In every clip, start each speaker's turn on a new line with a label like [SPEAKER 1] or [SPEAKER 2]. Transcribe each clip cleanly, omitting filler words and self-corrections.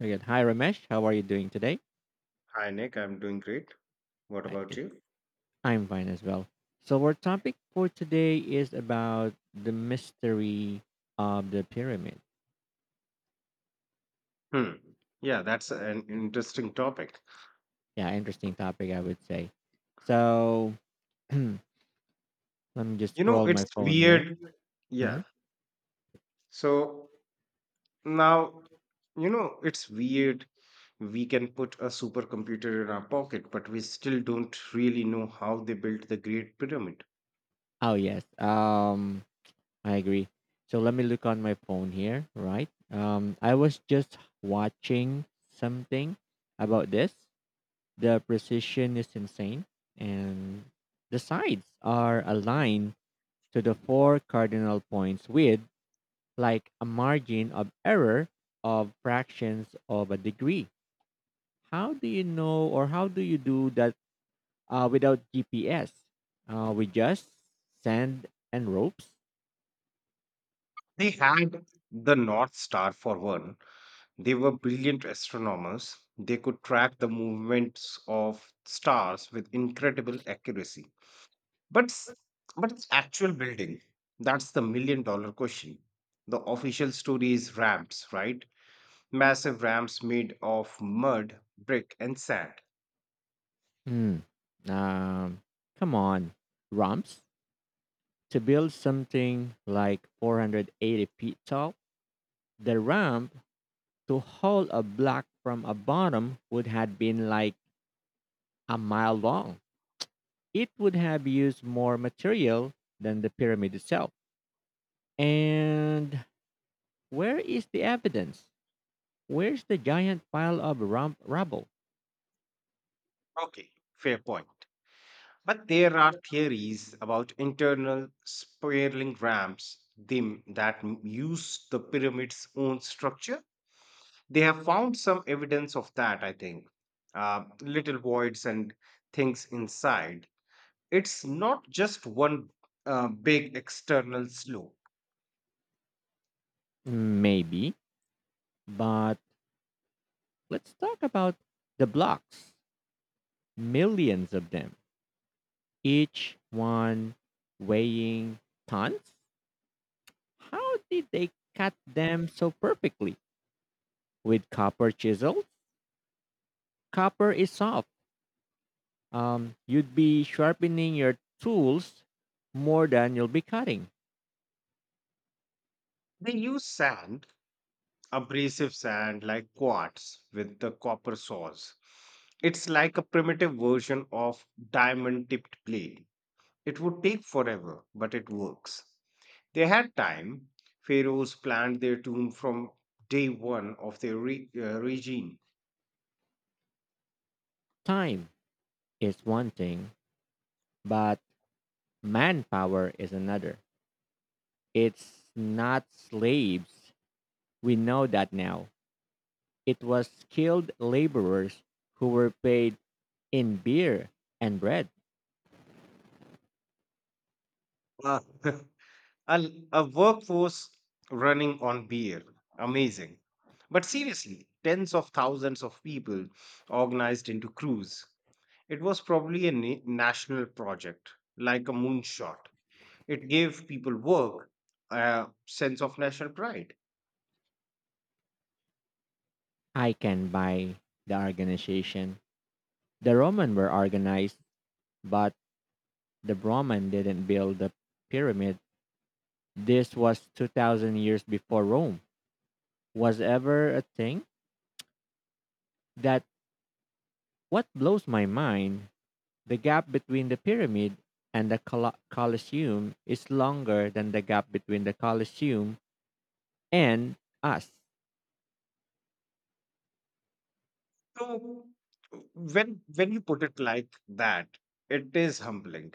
[SPEAKER 1] Very good. Hi, Ramesh. How are you doing today?
[SPEAKER 2] Hi, Nick. I'm doing great. What
[SPEAKER 1] Hi,
[SPEAKER 2] about
[SPEAKER 1] good.
[SPEAKER 2] you?
[SPEAKER 1] I'm fine as well. So, our topic for today is about the mystery of the pyramid.
[SPEAKER 2] Hmm. Yeah, that's an interesting topic.
[SPEAKER 1] Yeah, interesting topic, I would say. So, let me just
[SPEAKER 2] You know,
[SPEAKER 1] scroll
[SPEAKER 2] it's
[SPEAKER 1] my phone here.
[SPEAKER 2] weird. Yeah.
[SPEAKER 1] Mhm.
[SPEAKER 2] So now, you know, it's weird. We can put a supercomputer in our pocket, but we still don't really know how they built the Great Pyramid.
[SPEAKER 1] Oh, yes. I agree. So, let me look on my phone here, right? I was just watching something about this. The precision is insane, and the sides are aligned to the four cardinal points with like a margin of error of fractions of a degree. How do you know or how do you do that without GPS? We just sand and ropes.
[SPEAKER 2] They had the North Star for one. They were brilliant astronomers. They could track the movements of stars with incredible accuracy. But s- but its actual building, that's the million-dollar question. The official story is ramps, right? Massive ramps made of mud, brick, and sand.
[SPEAKER 1] Hmm. Um, Come on, ramps. To build something like 480 feet tall, the ramp to haul a block from a bottom would have been like a mile long. It would have used more material than the pyramid itself. And where is the evidence? Where's the giant pile of rump rubble?
[SPEAKER 2] Okay, fair point. But there are theories about internal spiraling ramps use the pyramid's own structure. They have found some evidence of that, I think. Little voids and things inside. It's not just one big external slope.
[SPEAKER 1] Maybe, but let's talk about the blocks. Millions of them, each one weighing tons. How did they cut them so perfectly? With copper chisels? Copper is soft. You'd be sharpening your tools more than you'll be cutting.
[SPEAKER 2] They use sand, abrasive sand like quartz with the copper saws. It's like a primitive version of diamond tipped blade. It would take forever, but it works. They had time. Pharaohs planned their tomb from day one of their regime.
[SPEAKER 1] Time is one thing, but manpower is another. It's not slaves. We know that now. It was skilled laborers who were paid in beer and bread.
[SPEAKER 2] Ah. And a workforce running on beer. Amazing. But seriously, tens of thousands of people organized into crews. It was probably a national project, like a moonshot. It gave people work, a sense of national pride.
[SPEAKER 1] I can buy the organization. The Roman were organized, but the Roman didn't build the pyramid. This was 2000 years before Rome was ever a thing that what blows my mind. The gap between the pyramid and the Colosseum is longer than the gap between the Colosseum and us.
[SPEAKER 2] So, when you put it like that, it is humbling.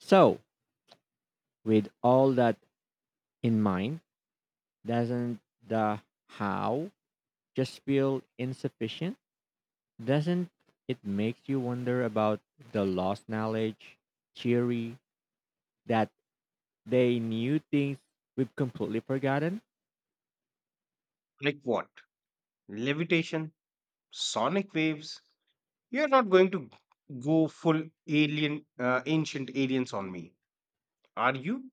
[SPEAKER 1] So, with all that in mind, doesn't the how just feel insufficient? Doesn't it make you wonder about the lost knowledge theory that they knew things we've completely forgotten?
[SPEAKER 2] Like what? Levitation, sonic waves, you're not going to go full alien, ancient aliens on me, are you?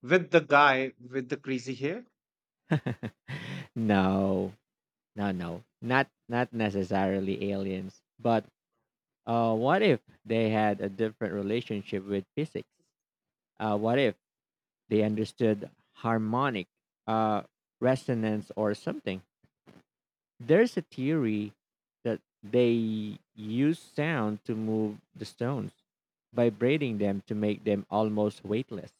[SPEAKER 2] With the guy with the crazy hair?
[SPEAKER 1] No, no, no, not necessarily aliens, but uh, what if they had a different relationship with physics? What if they understood harmonic uh, resonance or something? There's a theory that they use sound to move the stones, vibrating them to make them almost weightless.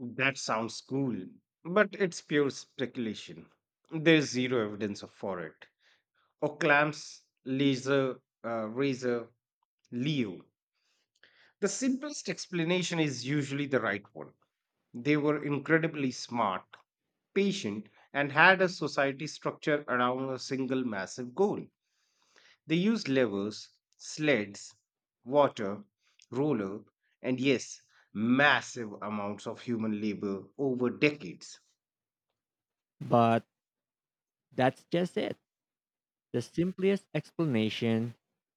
[SPEAKER 2] That sounds cool, but it's pure speculation. There's zero for it. Or clamps, laser, razor, Leo. The simplest explanation is usually the right one. They were incredibly smart, patient, and had a society structure around a single massive goal. They used levers, sleds, water, roller, and yes, massive amounts of human labor over decades.
[SPEAKER 1] But that's just it. The simplest explanation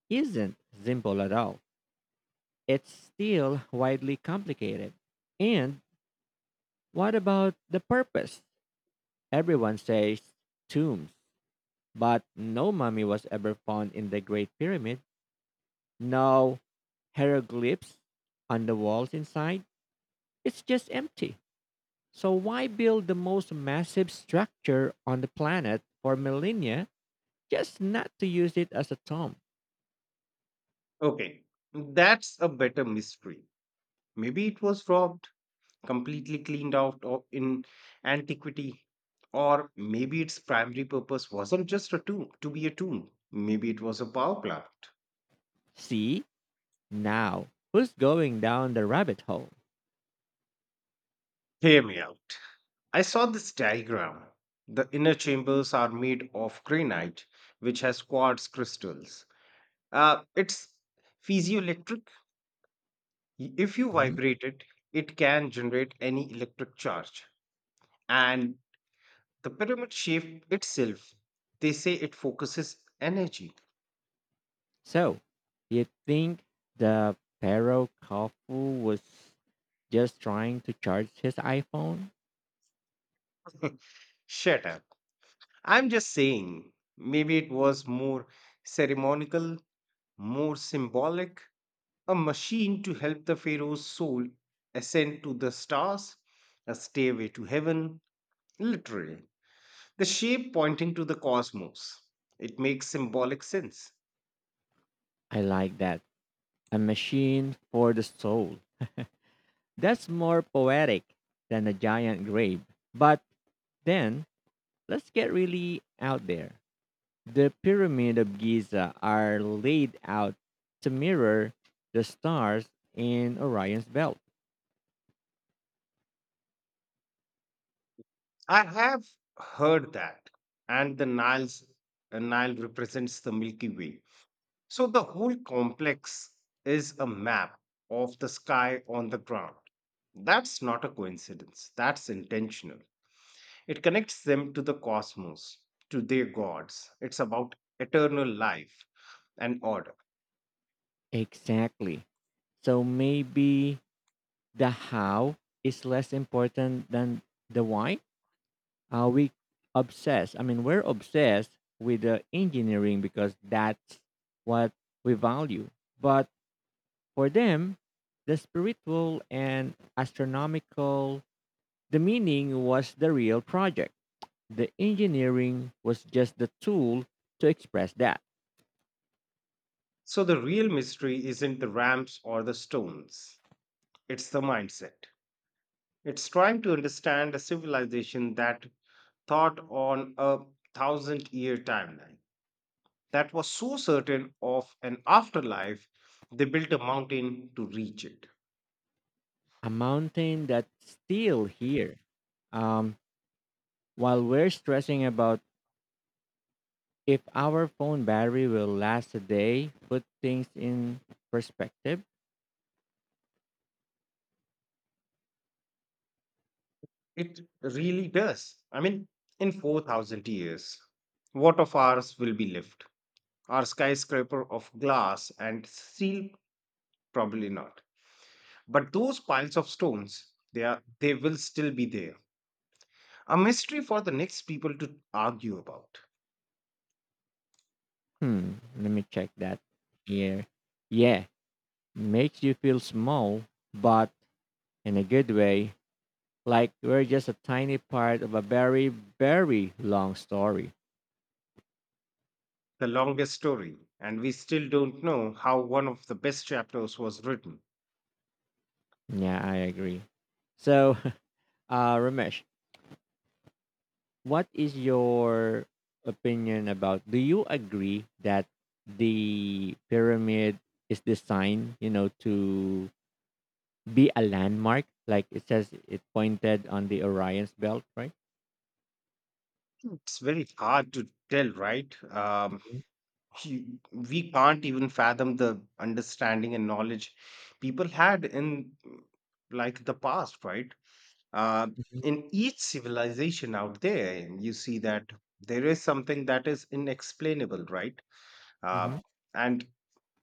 [SPEAKER 1] isn't simple at all. It's still widely complicated. And what about the purpose? Everyone says tombs, but no mummy was ever found in the Great Pyramid. No hieroglyphs on the walls inside. It's just empty. So why build the most massive structure on the planet for millennia just not to use it as a tomb?
[SPEAKER 2] Okay, that's a better mystery. Maybe it was robbed, completely cleaned out of in antiquity, or maybe its primary purpose wasn't just a tomb to be a tomb. Maybe it was a power plant.
[SPEAKER 1] See? Now, who's going down the rabbit hole?
[SPEAKER 2] Hear me out. I saw this diagram. The inner chambers are made of granite, which has quartz crystals. It's piezoelectric. If you
[SPEAKER 1] Mhm.
[SPEAKER 2] vibrate it, it can generate any electric charge. And the pyramid shape itself, they say it focuses energy.
[SPEAKER 1] So, you think the Pharaoh Khufu was just trying to charge his iPhone?
[SPEAKER 2] Shut up. I'm just saying, maybe it was more ceremonial, more symbolic, a machine to help the pharaoh's soul ascend to the stars, a stairway to heaven, literally. The shape pointing to the cosmos. It makes symbolic sense.
[SPEAKER 1] I like that. A machine for the soul. That's more poetic than a giant grave. But then, let's get really out there. The Pyramid of Giza are laid out to mirror the stars in Orion's belt.
[SPEAKER 2] I have heard that, and the Nile represents the Milky Way. So the whole complex is a map of the sky on the ground. That's not a coincidence. That's intentional. It connects them to the cosmos, to their gods. It's about eternal life and order.
[SPEAKER 1] Exactly. So maybe the how is less important than the why? We obsess. I mean, we're obsessed with the engineering because that's what we value. But for them, the spiritual and astronomical, the meaning was the real project. The engineering was just the tool to express that.
[SPEAKER 2] So the real mystery isn't the ramps or the stones, it's the mindset. It's trying to understand a civilization that thought on a thousand year timeline, that was so certain of an afterlife, they built a mountain to reach it.
[SPEAKER 1] A mountain that's still here. Um, while we're stressing about if our phone battery will last a day, put things in perspective.
[SPEAKER 2] It really does. I mean, in 4,000 years, what of ours will be left? Our skyscraper of glass and steel? Probably not. But those piles of stones, they, are, they will still be there. A mystery for the next people to argue about.
[SPEAKER 1] Hmm, let me check that here. Yeah, makes you feel small, but in a good way, like we're just a tiny part of a very, very long story.
[SPEAKER 2] The longest story, and we still don't know how one of the best chapters was written.
[SPEAKER 1] Yeah, I agree. So, Ramesh, what is your opinion about? Do you agree that the pyramid is designed to be a landmark? Like it says, it pointed on the Orion's belt, right?
[SPEAKER 2] It's very hard to tell, right?
[SPEAKER 1] Mhm,
[SPEAKER 2] You- we can't even fathom the understanding and knowledge people had in like the past, right? Uh,
[SPEAKER 1] mhm.
[SPEAKER 2] in each civilization out there, you see that there is something that is inexplainable, right?
[SPEAKER 1] Mhm.
[SPEAKER 2] Uh, and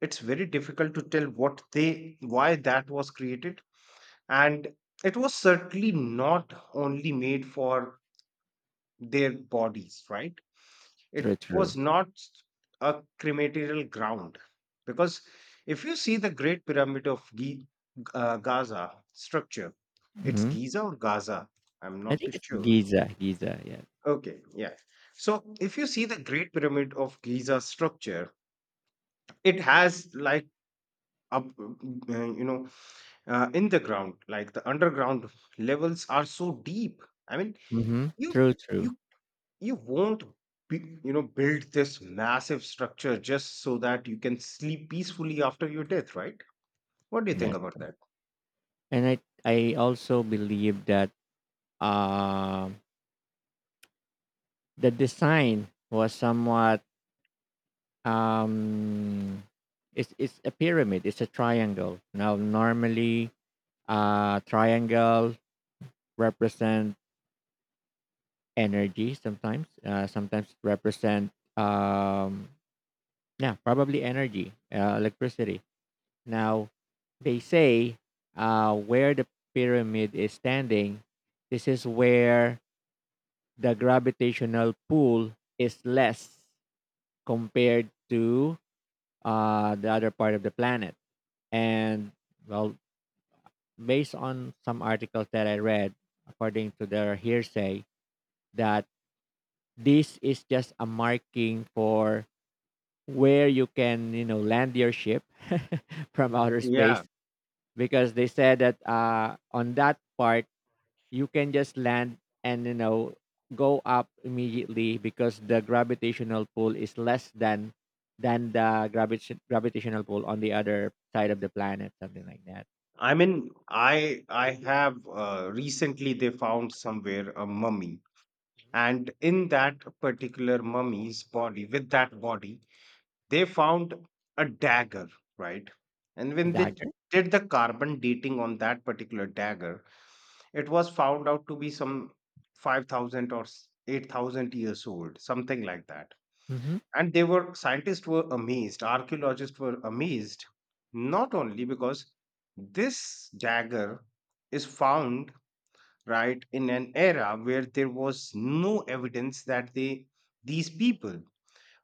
[SPEAKER 2] it's very difficult to tell what they why that was created, and it was certainly not only made for their bodies, right? It
[SPEAKER 1] True, true.
[SPEAKER 2] was not a crematorial ground, because if you see the great pyramid of gaza structure. It's
[SPEAKER 1] Hmm.
[SPEAKER 2] giza or gaza, I'm
[SPEAKER 1] I
[SPEAKER 2] not too
[SPEAKER 1] think it's
[SPEAKER 2] sure.
[SPEAKER 1] Giza, Giza. Yeah.
[SPEAKER 2] Okay, yeah. So if you see the great pyramid of giza structure, it has like a, you know, in the ground, like the underground levels are so deep. I mean,
[SPEAKER 1] Hmm.
[SPEAKER 2] you
[SPEAKER 1] True, true.
[SPEAKER 2] you you won't, be, you know, build this massive structure just so that you can sleep peacefully after your death, right? What do you think
[SPEAKER 1] Yes,
[SPEAKER 2] about
[SPEAKER 1] correct.
[SPEAKER 2] that?
[SPEAKER 1] And I also believe that um, the design was somewhat. Um, it's a pyramid. It's a triangle. Now, normally, triangle represent energy. Sometimes, sometimes represent um, yeah, probably energy, electricity. Now, they say where the pyramid is standing, this is where the gravitational pull is less compared to the other part of the planet. And, well, based on some articles that I read, according to their hearsay, that this is just a marking for where you can, you know, land your ship from outer
[SPEAKER 2] Yeah,
[SPEAKER 1] space, because they said that on that part, you can just land and you know go up immediately because the gravitational pull is less than the gravitational pull on the other side of the planet, something like that.
[SPEAKER 2] I mean, I have recently they found somewhere a mummy, and in that particular mummy's body, with that body, they found a dagger, right? And when
[SPEAKER 1] A
[SPEAKER 2] they
[SPEAKER 1] dagger.
[SPEAKER 2] did the carbon dating on that particular dagger, it was found out to be some 5,000 or 8,000 years old, something like that.
[SPEAKER 1] Mm-hmm.
[SPEAKER 2] And they were, scientists were amazed, archaeologists were amazed, not only because this dagger is found right in an era where there was no evidence that they these people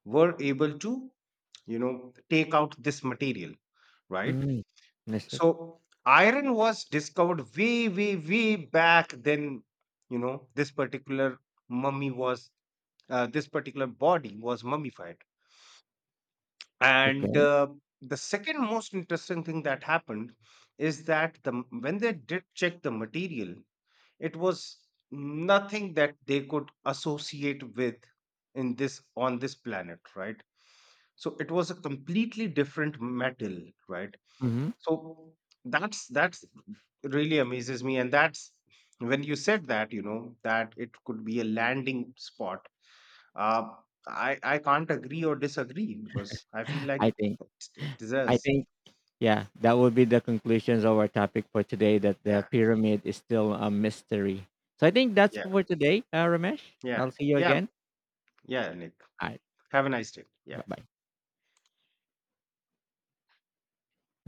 [SPEAKER 2] were able to, you know, take out this material, right?
[SPEAKER 1] Mm. That's it.
[SPEAKER 2] So iron was discovered way back then. You know, this particular mummy was this particular body was mummified, and
[SPEAKER 1] Okay.
[SPEAKER 2] the second most interesting thing that happened is that when they did check the material, it was nothing that they could associate with in this on this planet, right? So it was a completely different metal, right?
[SPEAKER 1] Mm-hmm.
[SPEAKER 2] So that's really amazes me, and that's when you said that, you know, that it could be a landing spot. Uh, I can't agree or disagree because I feel like
[SPEAKER 1] I think.
[SPEAKER 2] it it
[SPEAKER 1] I
[SPEAKER 2] deserves.
[SPEAKER 1] think. Yeah, that would be the conclusions of our topic for today. That the
[SPEAKER 2] Yeah,
[SPEAKER 1] pyramid is still a mystery. So I think that's
[SPEAKER 2] yeah,
[SPEAKER 1] for today, Ramesh.
[SPEAKER 2] yeah,
[SPEAKER 1] I'll see you
[SPEAKER 2] yeah,
[SPEAKER 1] again.
[SPEAKER 2] yeah. Nick,
[SPEAKER 1] All right.
[SPEAKER 2] have a nice day. Yeah.
[SPEAKER 1] Bye bye.